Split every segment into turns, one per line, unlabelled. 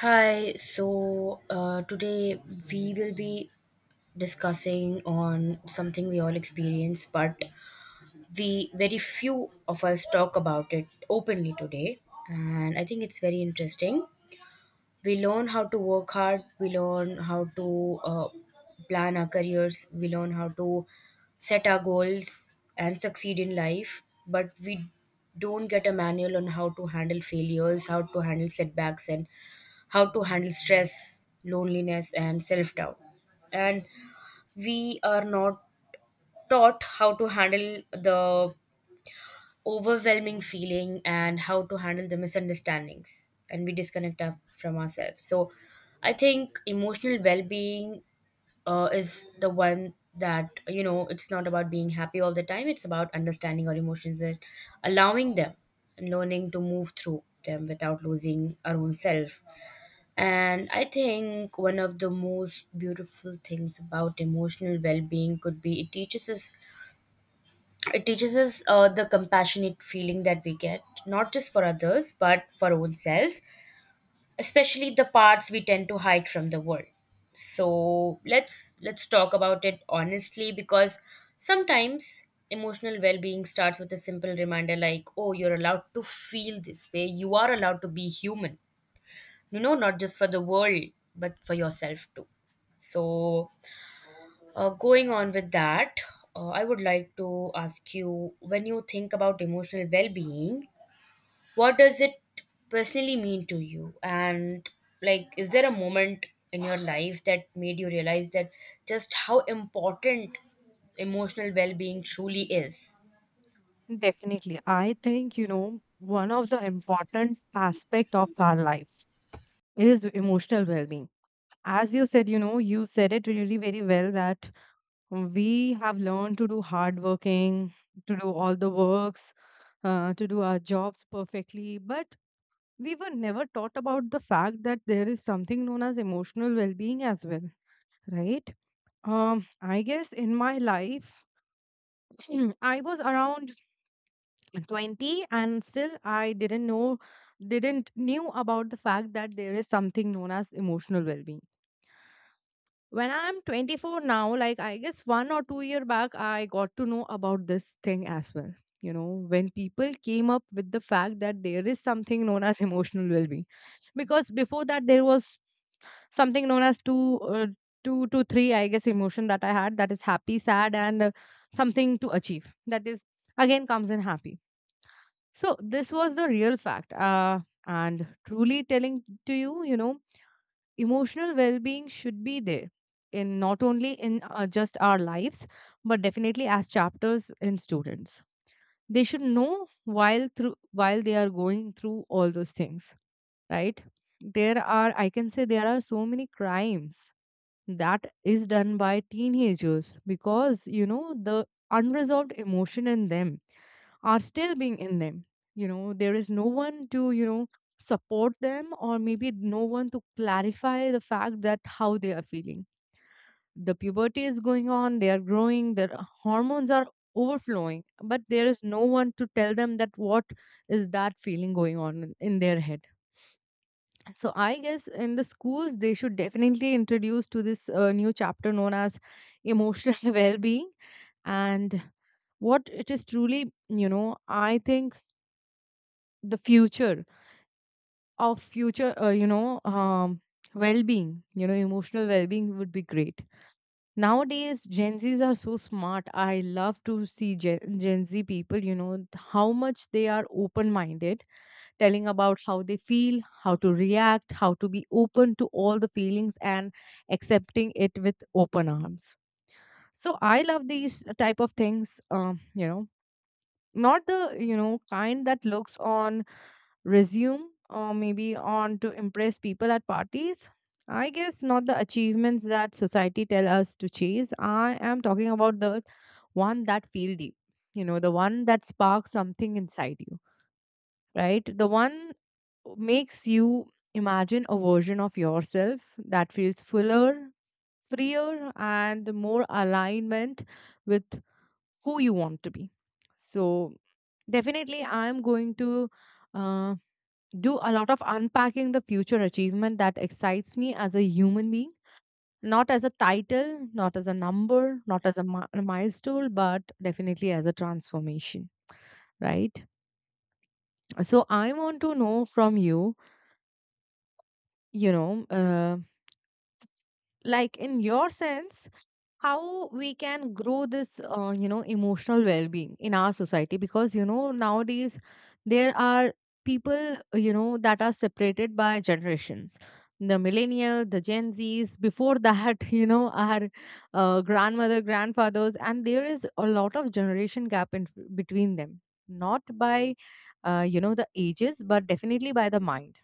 Hi, today we will be discussing on something we all experience, but we, very few of us, talk about it openly today, and I think it's very interesting. We learn how to work hard, we learn how to plan our careers, we learn how to set our goals and succeed in life, but we don't get a manual on how to handle failures, how to handle setbacks, and how to handle stress, loneliness, and self doubt. And we are not taught how to handle the overwhelming feeling and how to handle the misunderstandings, and we disconnect our, from ourselves. So, I think emotional well being is the one that, you know, it's not about being happy all the time, it's about understanding our emotions and allowing them and learning to move through them without losing our own self. And I think one of the most beautiful things about emotional well-being could be it teaches us, it teaches us the compassionate feeling that we get not just for others but for ourselves, especially the parts we tend to hide from the world. So let's talk about it honestly, because sometimes emotional well-being starts with a simple reminder like, oh, you're allowed to feel this way, you are allowed to be human, you know, not just for the world but for yourself too. So, going on with that, I would like to ask you, when you think about emotional well-being, what does it personally mean to you? And like, is there a moment in your life that made you realize that just how important emotional well-being truly is?
Definitely. I think, you know, one of the important aspect of our life is emotional well-being. As you said, you know, you said it really very well that we have learned to do hard working, to do all the works, to do our jobs perfectly, but we were never taught about the fact that there is something known as emotional well-being as well, right? I guess in my life, I was around 20 and still I didn't know didn't knew about the fact that there is something known as emotional well-being when I'm 24 now. Like I guess 1 or 2 year back I got to know about this thing as well, you know, when people came up with the fact that there is something known as emotional well-being, because before that there was something known as two to three, I guess, emotion that I had, that is happy, sad, and something to achieve, that is again comes in happy. So this was the real fact. And truly telling to you, you know, emotional well-being should be there, in not only in just our lives, but definitely as chapters in students. They should know while through while they are going through all those things, right? There are, I can say, there are so many crimes that is done by teenagers because, you know, the unresolved emotion in them are still being in them. You know, there is no one to, you know, support them, or maybe no one to clarify the fact that how they are feeling. The puberty is going on, they are growing, their hormones are overflowing, but there is no one to tell them that what is that feeling going on in their head. So I guess in the schools they should definitely introduce to this new chapter known as emotional well-being. And what it is truly, you know, I think the future of future, well-being, you know, emotional well-being would be great. Nowadays, Gen Zs are so smart. I love to see Gen Z people, you know, how much they are open-minded, telling about how they feel, how to react, how to be open to all the feelings and accepting it with open arms. So I love these type of things, you know, not the, you know, kind that looks on resume, or maybe on to impress people at parties. I guess not the achievements that society tell us to chase. I am talking about the one that feel deep, you know, the one that sparks something inside you, right, the one makes you imagine a version of yourself that feels fuller, freer, and more alignment with who you want to be. So, definitely, I'm going to uh, do a lot of unpacking the future achievement that excites me as a human being. Not as a title, not as a number, not as a, a milestone, but definitely as a transformation, right? So, I want to know from you, you know, like in your sense, how we can grow this, you know, emotional well-being in our society, because you know nowadays there are people, you know, that are separated by generations, the millennial, the Gen Zs, before that you know, our grandmother, grandfathers, and there is a lot of generation gap in between them. Not by you know, the ages, but definitely by the mind.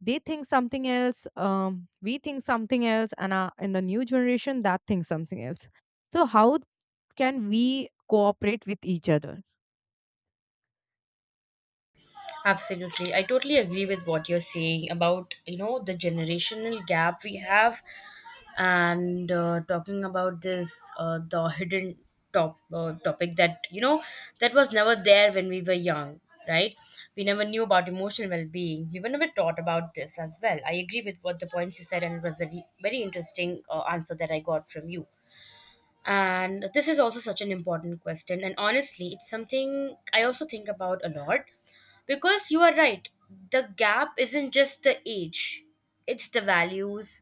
They think something else, we think something else, and in the new generation that thinks something else. So how can we cooperate with each other?
Absolutely. I totally agree with what you're saying about, you know, the generational gap we have, and talking about this, the hidden topic that, you know, that was never there when we were young, right? We never knew about emotional well-being. We were never taught about this as well. I agree with what the points you said and it was very, very interesting answer that I got from you. And this is also such an important question. And honestly, it's something I also think about a lot, because you are right. The gap isn't just the age, it's the values,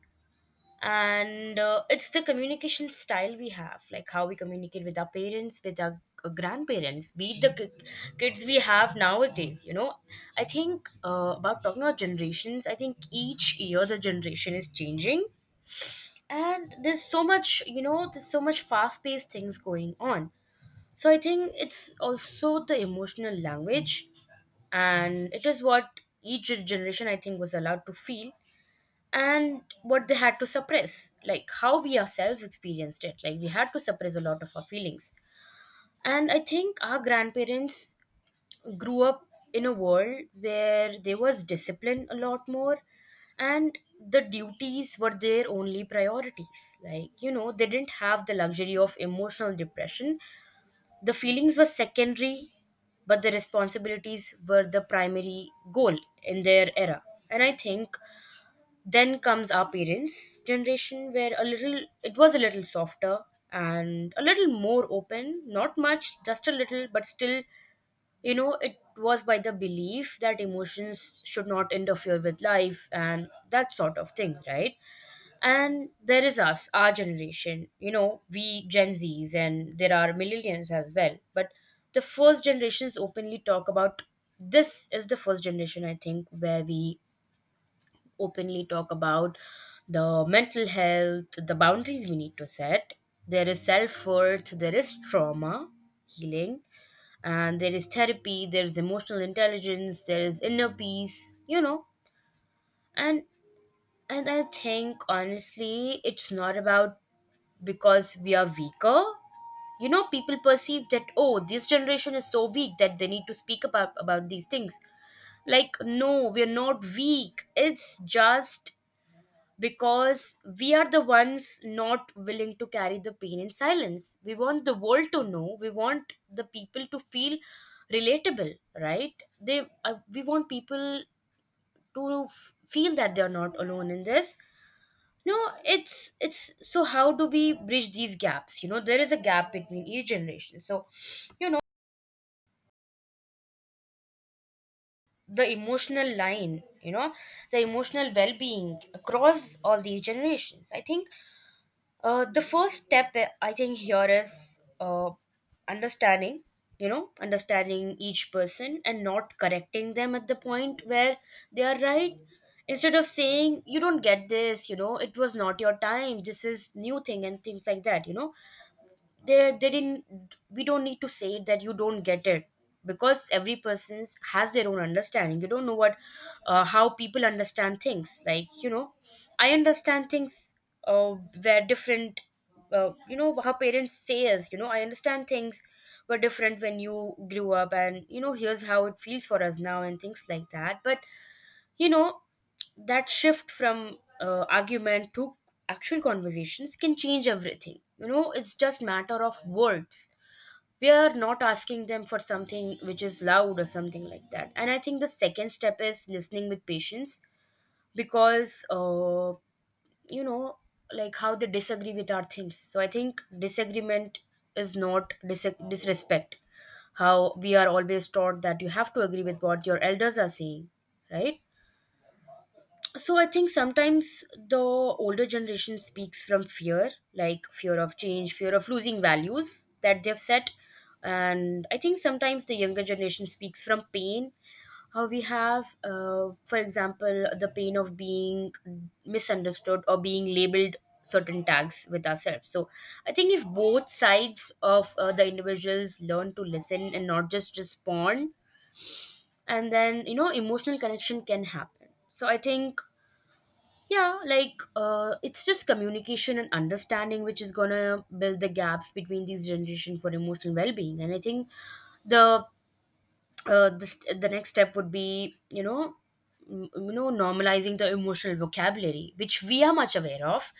and it's the communication style we have, like how we communicate with our parents, with our grandparents, be it the kids we have nowadays. You know, I think, about talking about generations, I think each year the generation is changing, and there's so much, you know, there's so much fast-paced things going on. So I think it's also the emotional language, and it is what each generation, I think, was allowed to feel and what they had to suppress. Like how we ourselves experienced it, like we had to suppress a lot of our feelings. And I think our grandparents grew up in a world where there was discipline a lot more, and the duties were their only priorities. Like, you know, they didn't have the luxury of emotional depression. The feelings were secondary, but the responsibilities were the primary goal in their era. And I think then comes our parents generation, where a little, it was a little softer and a little more open, not much, just a little, but still, you know, it was by the belief that emotions should not interfere with life and that sort of thing, right? And there is us, our generation, you know, we gen z's, and there are millennials as well. But the first generations openly talk about, this is the first generation, I think, where we openly talk about the mental health, the boundaries we need to set. There is self worth, there is trauma healing, and there is therapy, there is emotional intelligence, there is inner peace, you know. And and I think, honestly, it's not about, because we are weaker. You know, people perceive that, oh, this generation is so weak that they need to speak about these things. Like, no, we're not weak. It's just because we are the ones not willing to carry the pain in silence. We want the world to know. We want the people to feel relatable, right? They we want people to feel that they are not alone in this. No, it's so, how do we bridge these gaps? You know, there is a gap between each generation. So, you know, the emotional line, you know, the emotional well-being across all these generations. I think, the first step, I think, here is understanding, you know, understanding each person and not correcting them at the point where they are right. Instead of saying, you don't get this, you know, it was not your time, this is new thing and things like that. You know, they didn't we don't need to say that you don't get it, because every person has their own understanding. You don't know what how people understand things. Like, you know, I understand things uh, where different you know how parents say us. You know, I understand things were different when you grew up, and you know, here's how it feels for us now and things like that. But you know, that shift from argument to actual conversations can change everything. You know, it's just matter of words. We are not asking them for something which is loud or something like that. And I think the second step is listening with patience, because you know, like how they disagree with our things. So I think disagreement is not disrespect. How we are always taught that you have to agree with what your elders are saying, right? So I think sometimes the older generation speaks from fear, like fear of change, fear of losing values that they've set. And I think sometimes the younger generation speaks from pain. How we have, for example, the pain of being misunderstood or being labeled certain tags with ourselves. So I think if both sides of the individuals learn to listen and not just respond, and then you know emotional connection can happen. So I think, yeah, like it's just communication and understanding which is gonna build the gaps between these generation for emotional well-being. And I think the, this, the next step would be, you know, you know, normalizing the emotional vocabulary which we are much aware of,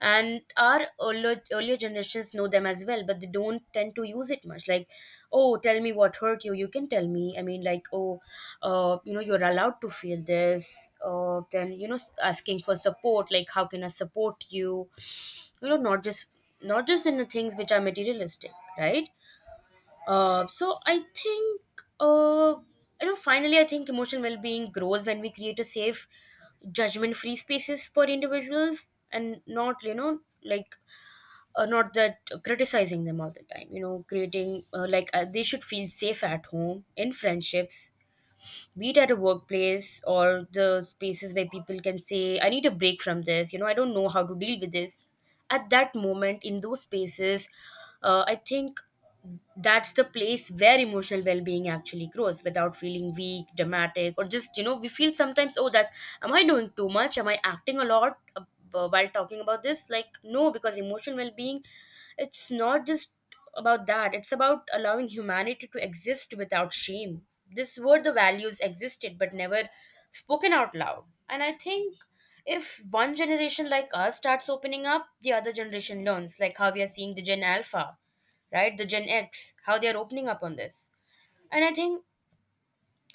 and our earlier generations know them as well, but they don't tend to use it much. Like, oh, tell me what hurt you, you can tell me. I mean, like, oh, you know, you're allowed to feel this. Then you know, asking for support, like how can I support you. You know, not just, not just in the things which are materialistic, right? So I think, uh, you know, finally, I think emotional well-being grows when we create a safe, judgment-free spaces for individuals, and not, you know, like, not that criticizing them all the time. You know, creating like, they should feel safe at home, in friendships, be it at a workplace or the spaces where people can say, "I need a break from this." You know, I don't know how to deal with this. At that moment, in those spaces, I think that's the place where emotional well-being actually grows, without feeling weak, dramatic, or just, you know, we feel sometimes, oh, that's, am I doing too much, am I acting a lot? While talking about this. Like, no, because emotional well-being, it's not just about that, it's about allowing humanity to exist without shame. This were the values existed but never spoken out loud. And I think if one generation like us starts opening up, the other generation learns. Like how we are seeing the gen alpha, right? The Gen X, how they are opening up on this. And I think,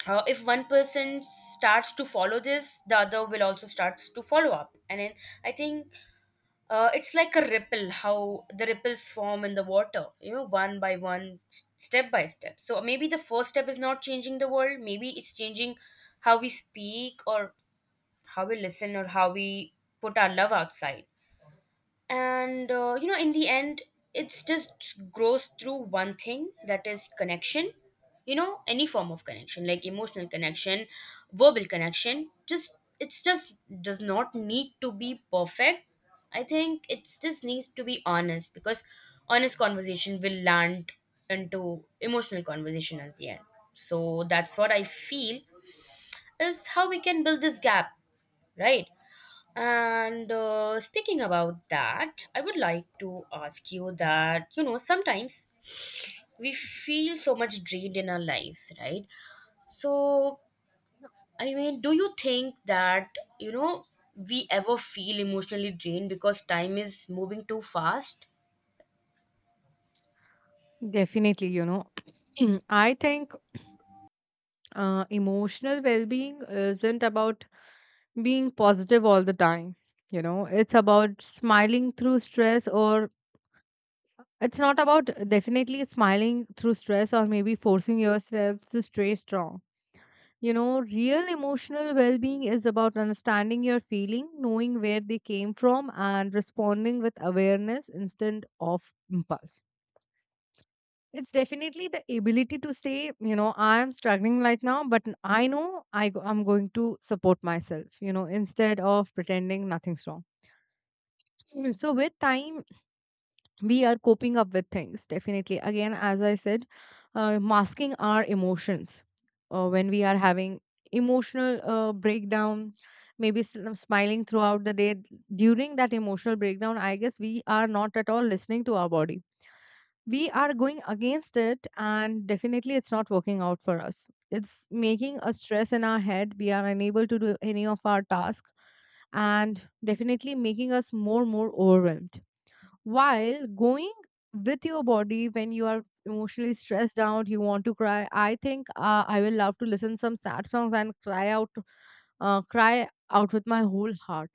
if one person starts to follow this, the other will also starts to follow up. And then I think, it's like a ripple, how the ripples form in the water, you know, one by one, step by step. So maybe the first step is not changing the world. Maybe it's changing how we speak, or how we listen, or how we put our love outside. And you know, in the end, it's just grows through one thing, that is connection. You know, any form of connection, like emotional connection, verbal connection, just, it's just, does not need to be perfect. I think it just needs to be honest, because honest conversation will land into emotional conversation at the end. So that's what I feel is how we can build this gap, right? And speaking about that, I would like to ask you that, you know, sometimes we feel so much drained in our lives, right? So, I mean, do you think that, you know, we ever feel emotionally drained because time is moving too fast?
Definitely, you know, I think emotional well being isn't about being positive all the time. You know, it's about smiling through stress, or it's not about, definitely, smiling through stress or maybe forcing yourself to stay strong. You know, real emotional well-being is about understanding your feeling, knowing where they came from, and responding with awareness instead of impulse. It's definitely the ability to say, you know, I am struggling right now, but I know I'm going to support myself, you know, instead of pretending nothing's wrong. So with time, we are coping up with things. Definitely. Again, as I said, masking our emotions when we are having emotional breakdown, maybe smiling throughout the day. During that emotional breakdown, I guess we are not at all listening to our body. We are going against it, and definitely it's not working out for us. It's making a stress in our head. We are unable to do any of our tasks, and definitely making us more overwhelmed. While going with your body, when you are emotionally stressed out, you want to cry. I think, I will love to listen some sad songs and cry out, cry out with my whole heart.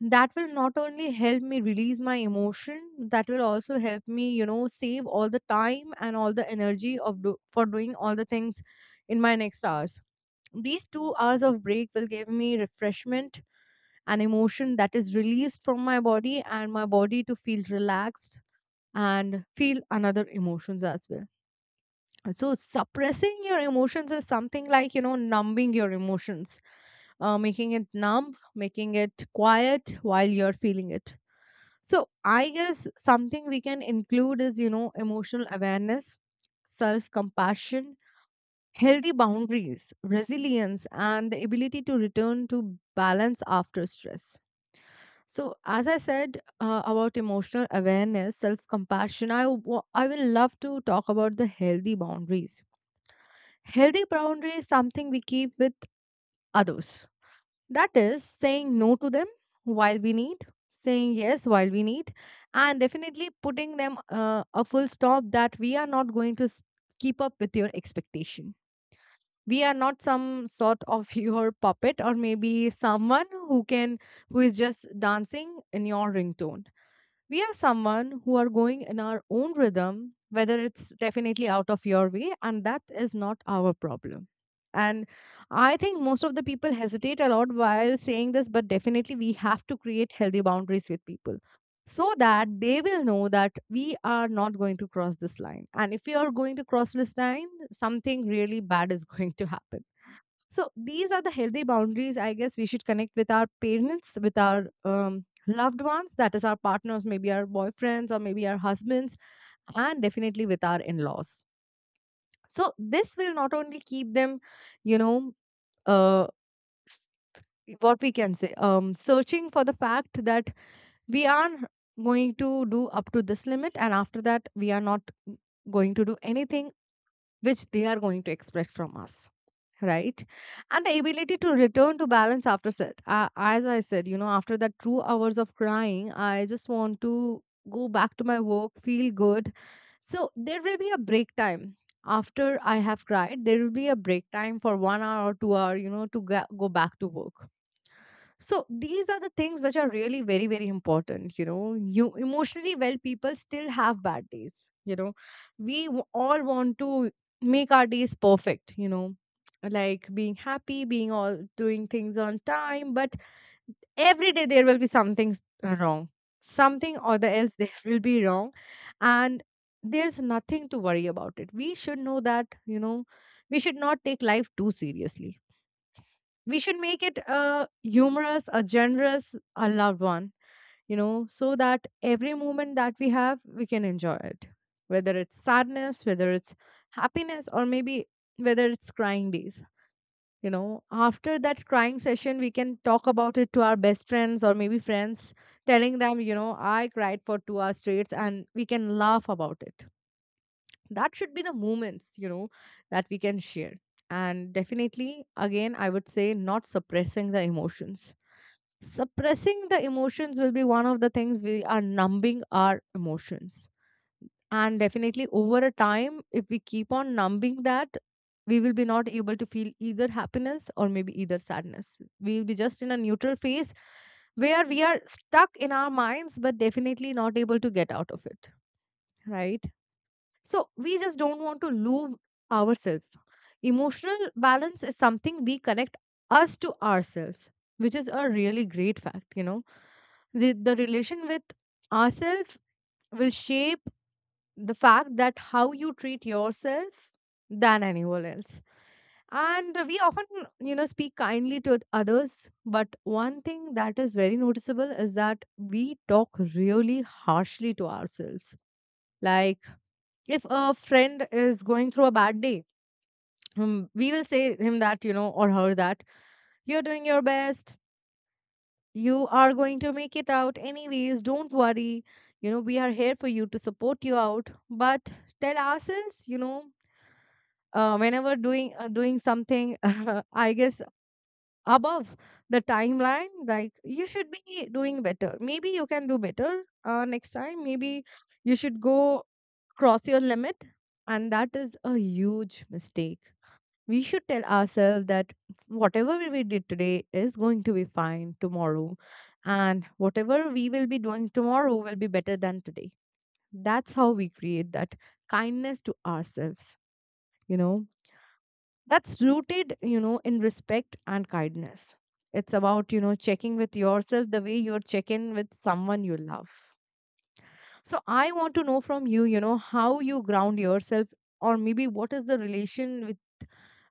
That will not only help me release my emotion, that will also help me, you know, save all the time and all the energy of for doing all the things in my next hours. These 2 hours of break will give me refreshment, an emotion that is released from my body, and my body to feel relaxed and feel another emotions as well. So suppressing your emotions is something like, you know, numbing your emotions, making it numb, making it quiet while you're feeling it. So I guess something we can include is, you know, emotional awareness, self compassion, healthy boundaries, resilience, and the ability to return to balance after stress. So, as I said, about emotional awareness, self compassion, I will love to talk about the healthy boundaries. Healthy boundaries is something we keep with others. That is saying no to them while we need, saying yes while we need, and definitely putting them, a full stop, that we are not going to keep up with your expectation. We are not some sort of your puppet, or maybe someone who can, who is just dancing in your ringtone. We are someone who are going in our own rhythm, whether it's definitely out of your way, and that is not our problem. And I think most of the people hesitate a lot while saying this, but definitely we have to create healthy boundaries with people, so that they will know that we are not going to cross this line, and if we are going to cross this line, something really bad is going to happen. So these are the healthy boundaries, I guess, we should connect with our parents, with our loved ones, that is our partners, maybe our boyfriends or maybe our husbands, and definitely with our in-laws. So this will not only keep them, you know, uh, s- what we can say, searching for the fact that we are going to do up to this limit, and after that we are not going to do anything which they are going to expect from us, right? And the ability to return to balance after set. As I said, you know, after that 2 hours of crying, I just want to go back to my work, feel good. So there will be a break time. After I have cried, there will be a break time for 1 hour or 2 hour, you know, to go back to work. So these are the things which are really very, very important. You know, you emotionally well people still have bad days. You know, we all want to make our days perfect. You know, like being happy, being all doing things on time, but every day there will be something wrong. Something or the else there will be wrong. And there's nothing to worry about it. We should know that, you know, we should not take life too seriously. We should make it a humorous, a generous, a loved one, you know, so that every moment that we have, we can enjoy it. Whether it's sadness, whether it's happiness, or maybe whether it's crying days, you know, after that crying session we can talk about it to our best friends or maybe friends, telling them, you know, I cried for 2 hours straight, and we can laugh about it. That should be the moments, you know, that we can share. And definitely, again, I would say not suppressing the emotions. Suppressing the emotions will be one of the things, we are numbing our emotions, and definitely over a time, if we keep on numbing that, we will be not able to feel either happiness or maybe either sadness. We will be just in a neutral phase where we are stuck in our minds, but definitely not able to get out of it. Right. So we just don't want to lose ourselves. Emotional balance is something we connect us to ourselves, which is a really great fact. You know the relation with ourselves will shape the fact that how you treat yourself than anyone else. And we often, you know, speak kindly to others, but one thing that is very noticeable is that we talk really harshly to ourselves. Like if a friend is going through a bad day, we will say him that, you know, or her that you're doing your best, you are going to make it out anyways, don't worry, you know, we are here for you to support you out. But tell ourselves, you know, whenever doing something I guess above the timeline, like you should be doing better, maybe you can do better next time, maybe you should go cross your limit. And that is a huge mistake. We should tell ourselves that whatever we did today is going to be fine tomorrow, and whatever we will be doing tomorrow will be better than today. That's how we create that kindness to ourselves, you know. That's rooted, you know, in respect and kindness. It's about, you know, checking with yourself the way you're checking with someone you love. So I want to know from you, you know, how you ground yourself, or maybe what is the relation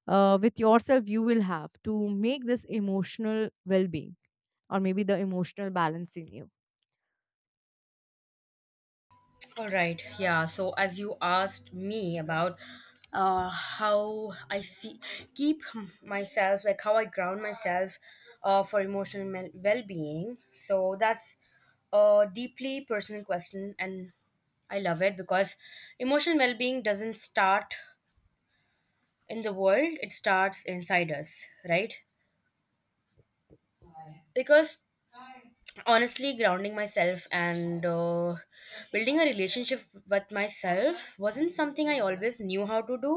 with yourself you will have to make this emotional well-being, or maybe the emotional balance in you.
All right. Yeah. So as you asked me about how I see keep myself, like how I ground myself for emotional well-being. So that's a deeply personal question, and I love it because emotional well-being doesn't start in the world; it starts inside us, right? Because honestly grounding myself and building a relationship with myself wasn't something I always knew how to do.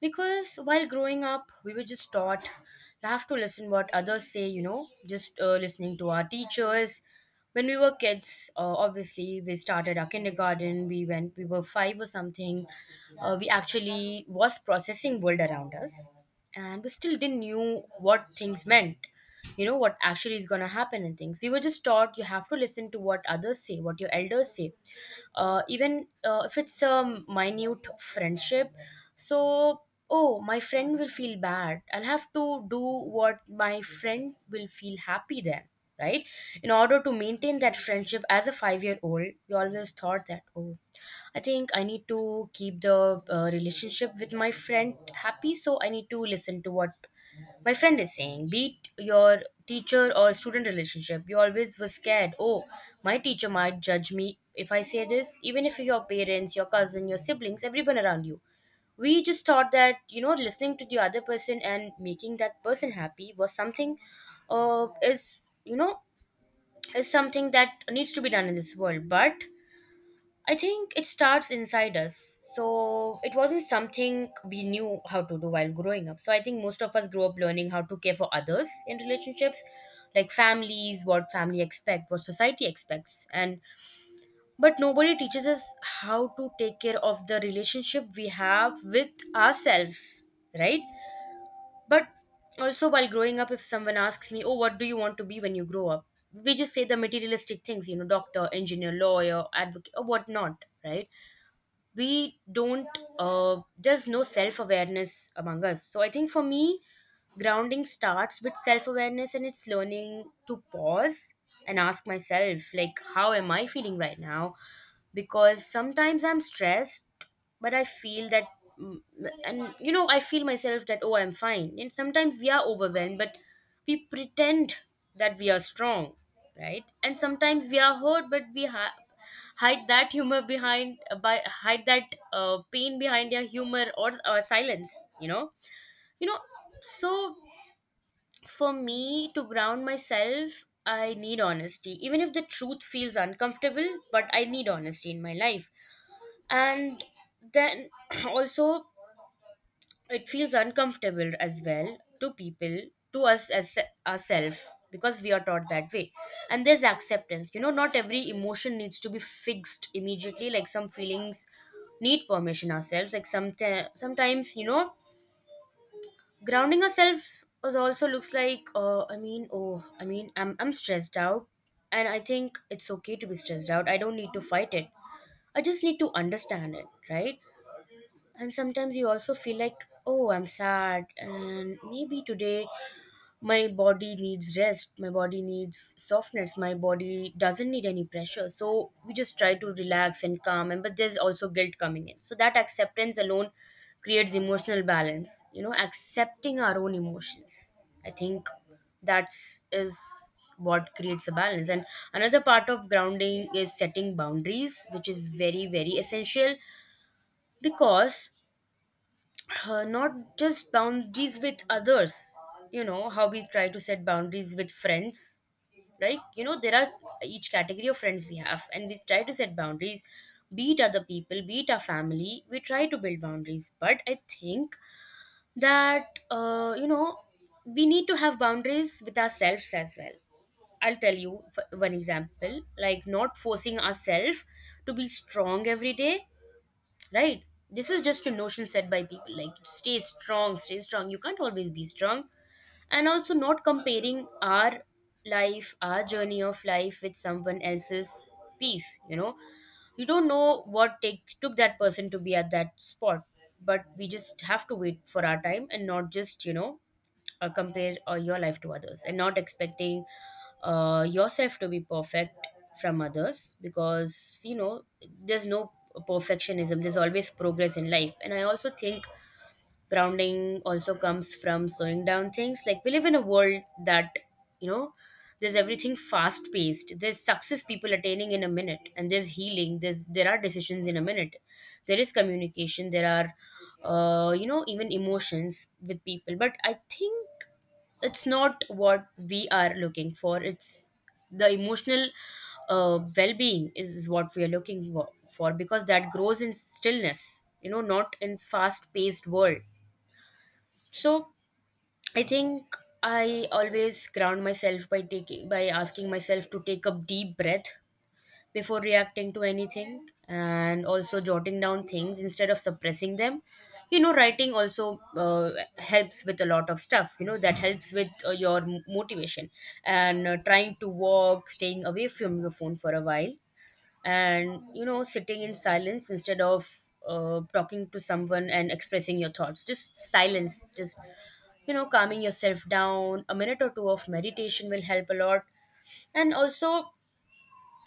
Because while growing up, we were just taught you have to listen what others say, you know, just listening to our teachers. When we were kids, obviously we started our kindergarten, we went, we were five or something. We actually was processing world around us, and we still didn't knew what things meant, you know, what actually is going to happen. And things, we were just taught you have to listen to what others say, what your elders say, even if it's a minute friendship. So, oh, my friend will feel bad, I'll have to do what my friend will feel happy then, right? In order to maintain that friendship as a 5-year old, we always thought that, oh, I think I need to keep the relationship with my friend happy, so I need to listen to what my friend is saying. Be it your teacher or student relationship, you always were scared. Oh, my teacher might judge me if I say this, even if your parents, your cousin, your siblings, everyone around you. We just thought that, you know, listening to the other person and making that person happy was something, is, you know, is something that needs to be done in this world. But I think it starts inside us. So it wasn't something we knew how to do while growing up. So I think most of us grew up learning how to care for others in relationships, like families, what family expect, what society expects. And but nobody teaches us how to take care of the relationship we have with ourselves, right? But also while growing up, if someone asks me, "Oh, what do you want to be when you grow up?" We just say the materialistic things, you know, doctor, engineer, lawyer, advocate, or whatnot, right? We don't, there's no self-awareness among us. So I think for me, grounding starts with self-awareness, and it's learning to pause and ask myself, like, how am I feeling right now? Because sometimes I'm stressed, but I feel that, mm, and, you know, I feel myself that, oh, I'm fine. And sometimes we are overwhelmed, but we pretend that we are strong, right? And sometimes we are hurt, but we hide that humor behind, by hide that pain behind your humor or silence, you know? You know, so for me to ground myself, I need honesty. Even if the truth feels uncomfortable, but I need honesty in my life. And then also it feels uncomfortable as well to people, to us as ourselves, because we are taught that way. And there's acceptance, you know, not every emotion needs to be fixed immediately. Like some feelings need permission ourselves. Like some, sometimes, you know, grounding ourselves is also looks like, oh, I'm, stressed out, and I think it's okay to be stressed out. I don't need to fight it, I just need to understand it, right? And sometimes you also feel like, oh, I'm sad, and maybe today my body needs rest, my body needs softness, my body doesn't need any pressure. So we just try to relax and calm, and but there's also guilt coming in. So that acceptance alone creates emotional balance, you know, accepting our own emotions. I think that's is what creates a balance. And another part of grounding is setting boundaries, which is very, very essential. Because not just boundaries with others, you know how we try to set boundaries with friends, right? You know, there are each category of friends we have, and we try to set boundaries. Be it other people, be it our family, we try to build boundaries. But I think that, you know, we need to have boundaries with ourselves as well. I'll tell you one example, like not forcing ourselves to be strong every day, right? This is just a notion set by people, like stay strong, stay strong. You can't always be strong. And also not comparing our life, our journey of life, with someone else's piece, you know. You don't know what take took that person to be at that spot. But we just have to wait for our time and not just, you know, compare your life to others, and not expecting yourself to be perfect from others. Because, you know, there's no perfectionism, there's always progress in life. And I also think grounding also comes from slowing down things. Like we live in a world that, you know, there's everything fast paced. There's success people attaining in a minute, and there's healing, there are decisions in a minute, there is communication, there are, you know, even emotions with people. But I think it's not what we are looking for. It's the emotional, well-being is what we are for. Because that grows in stillness, you know, not in fast-paced world. So I think I always ground myself by taking by asking myself to take a deep breath before reacting to anything, and also jotting down things instead of suppressing them. You know, writing also helps with a lot of stuff. You know, that helps with your motivation, and trying to walk, staying away from your phone for a while, and, you know, sitting in silence instead of talking to someone and expressing your thoughts. Just silence, just, you know, calming yourself down. A minute or 2 of meditation will help a lot. And also,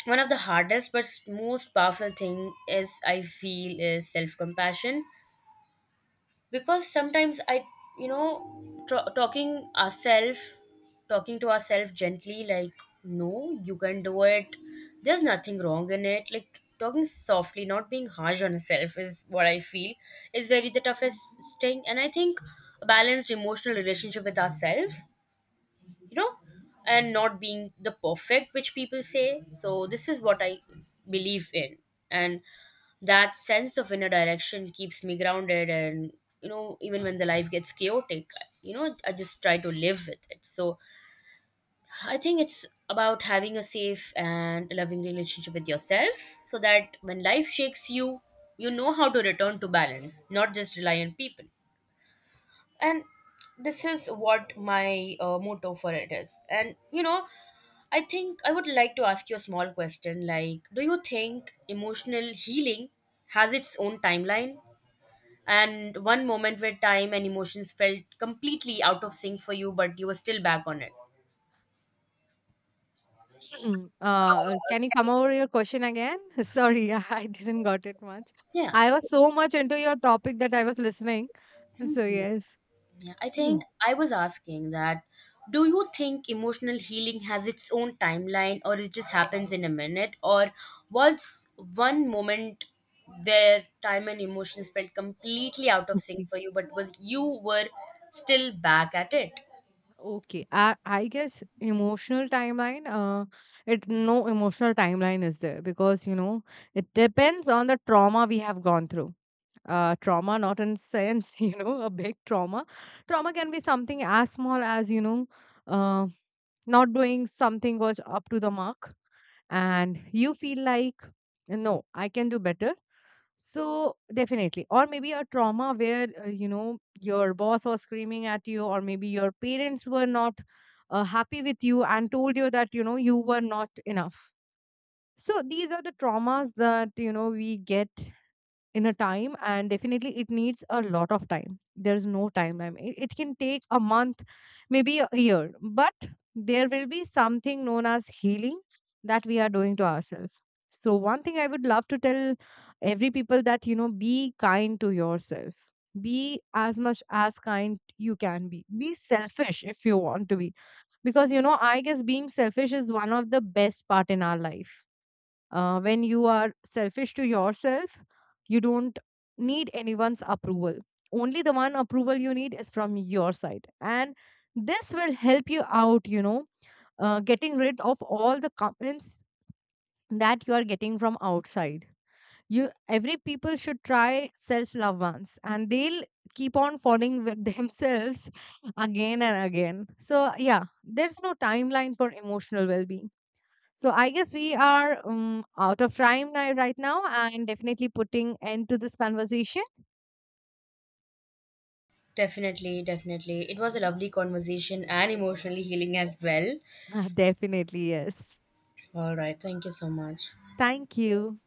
one of the hardest but most powerful thing is, I feel, is self compassion. Because sometimes I, you know, tr- talking ourselves talking to ourselves gently, like, no, you can do it, there's nothing wrong in it. Like talking softly, not being harsh on yourself is what I feel is very the toughest thing. And I think a balanced emotional relationship with ourselves, you know, and not being the perfect which people say. So this is what I believe in. And that sense of inner direction keeps me grounded. And, you know, even when the life gets chaotic, you know, I just try to live with it. So I think it's about having a safe and loving relationship with yourself, so that when life shakes you, you know how to return to balance, not just rely on people. And this is what my motto for it is. And, you know, I think I would like to ask you a small question, like, do you think emotional healing has its own timeline, and one moment where time and emotions felt completely out of sync for you, but you were still back on it?
Mm. Can you come over your question again? Sorry, I didn't got it much. I
Yes.
was so much into your topic that I was listening. So yes.
Yeah, I
Mhm.
think I was asking that, do you think emotional healing has its own timeline, or it just happens in a minute? Or what's one moment where time and emotions felt completely out of sync
Okay.
for you, but was you were still back at it?
Okay. I guess emotional timeline, it no emotional timeline is there because, you know, it depends on the trauma we have gone through. Uh, trauma, not in sense, you know, a big trauma. Trauma can be something as small as, you know, uh, not doing something was up to the mark, and you feel like, no, I can do better. So, definitely. Or maybe a trauma where, you know, your boss was screaming at you, or maybe your parents were not happy with you and told you that, you know, you were not enough. So, these are the traumas that, you know, we get in a time. And definitely it needs a lot of time. There is no timeline. It can take a month, maybe a year, but there will be something known as healing that we are doing to ourselves. So one thing I would love to tell every people that, you know, be kind to yourself, be as much as kind you can be selfish if you want to be, because, you know, I guess being selfish is one of the best part in our life. When you are selfish to yourself, you don't need anyone's approval. Only the one approval you need is from your side. And this will help you out, you know, getting rid of all the comments that you are getting from outside. You every people should try self love once, and they'll keep on falling with themselves again and again. So yeah, there's no timeline for emotional well being. So I guess we are out of time ni- right now, and definitely putting end to this conversation.
Definitely, definitely. It was a lovely conversation and emotionally healing as well.
Definitely, yes.
All right, thank you so much.
Thank you.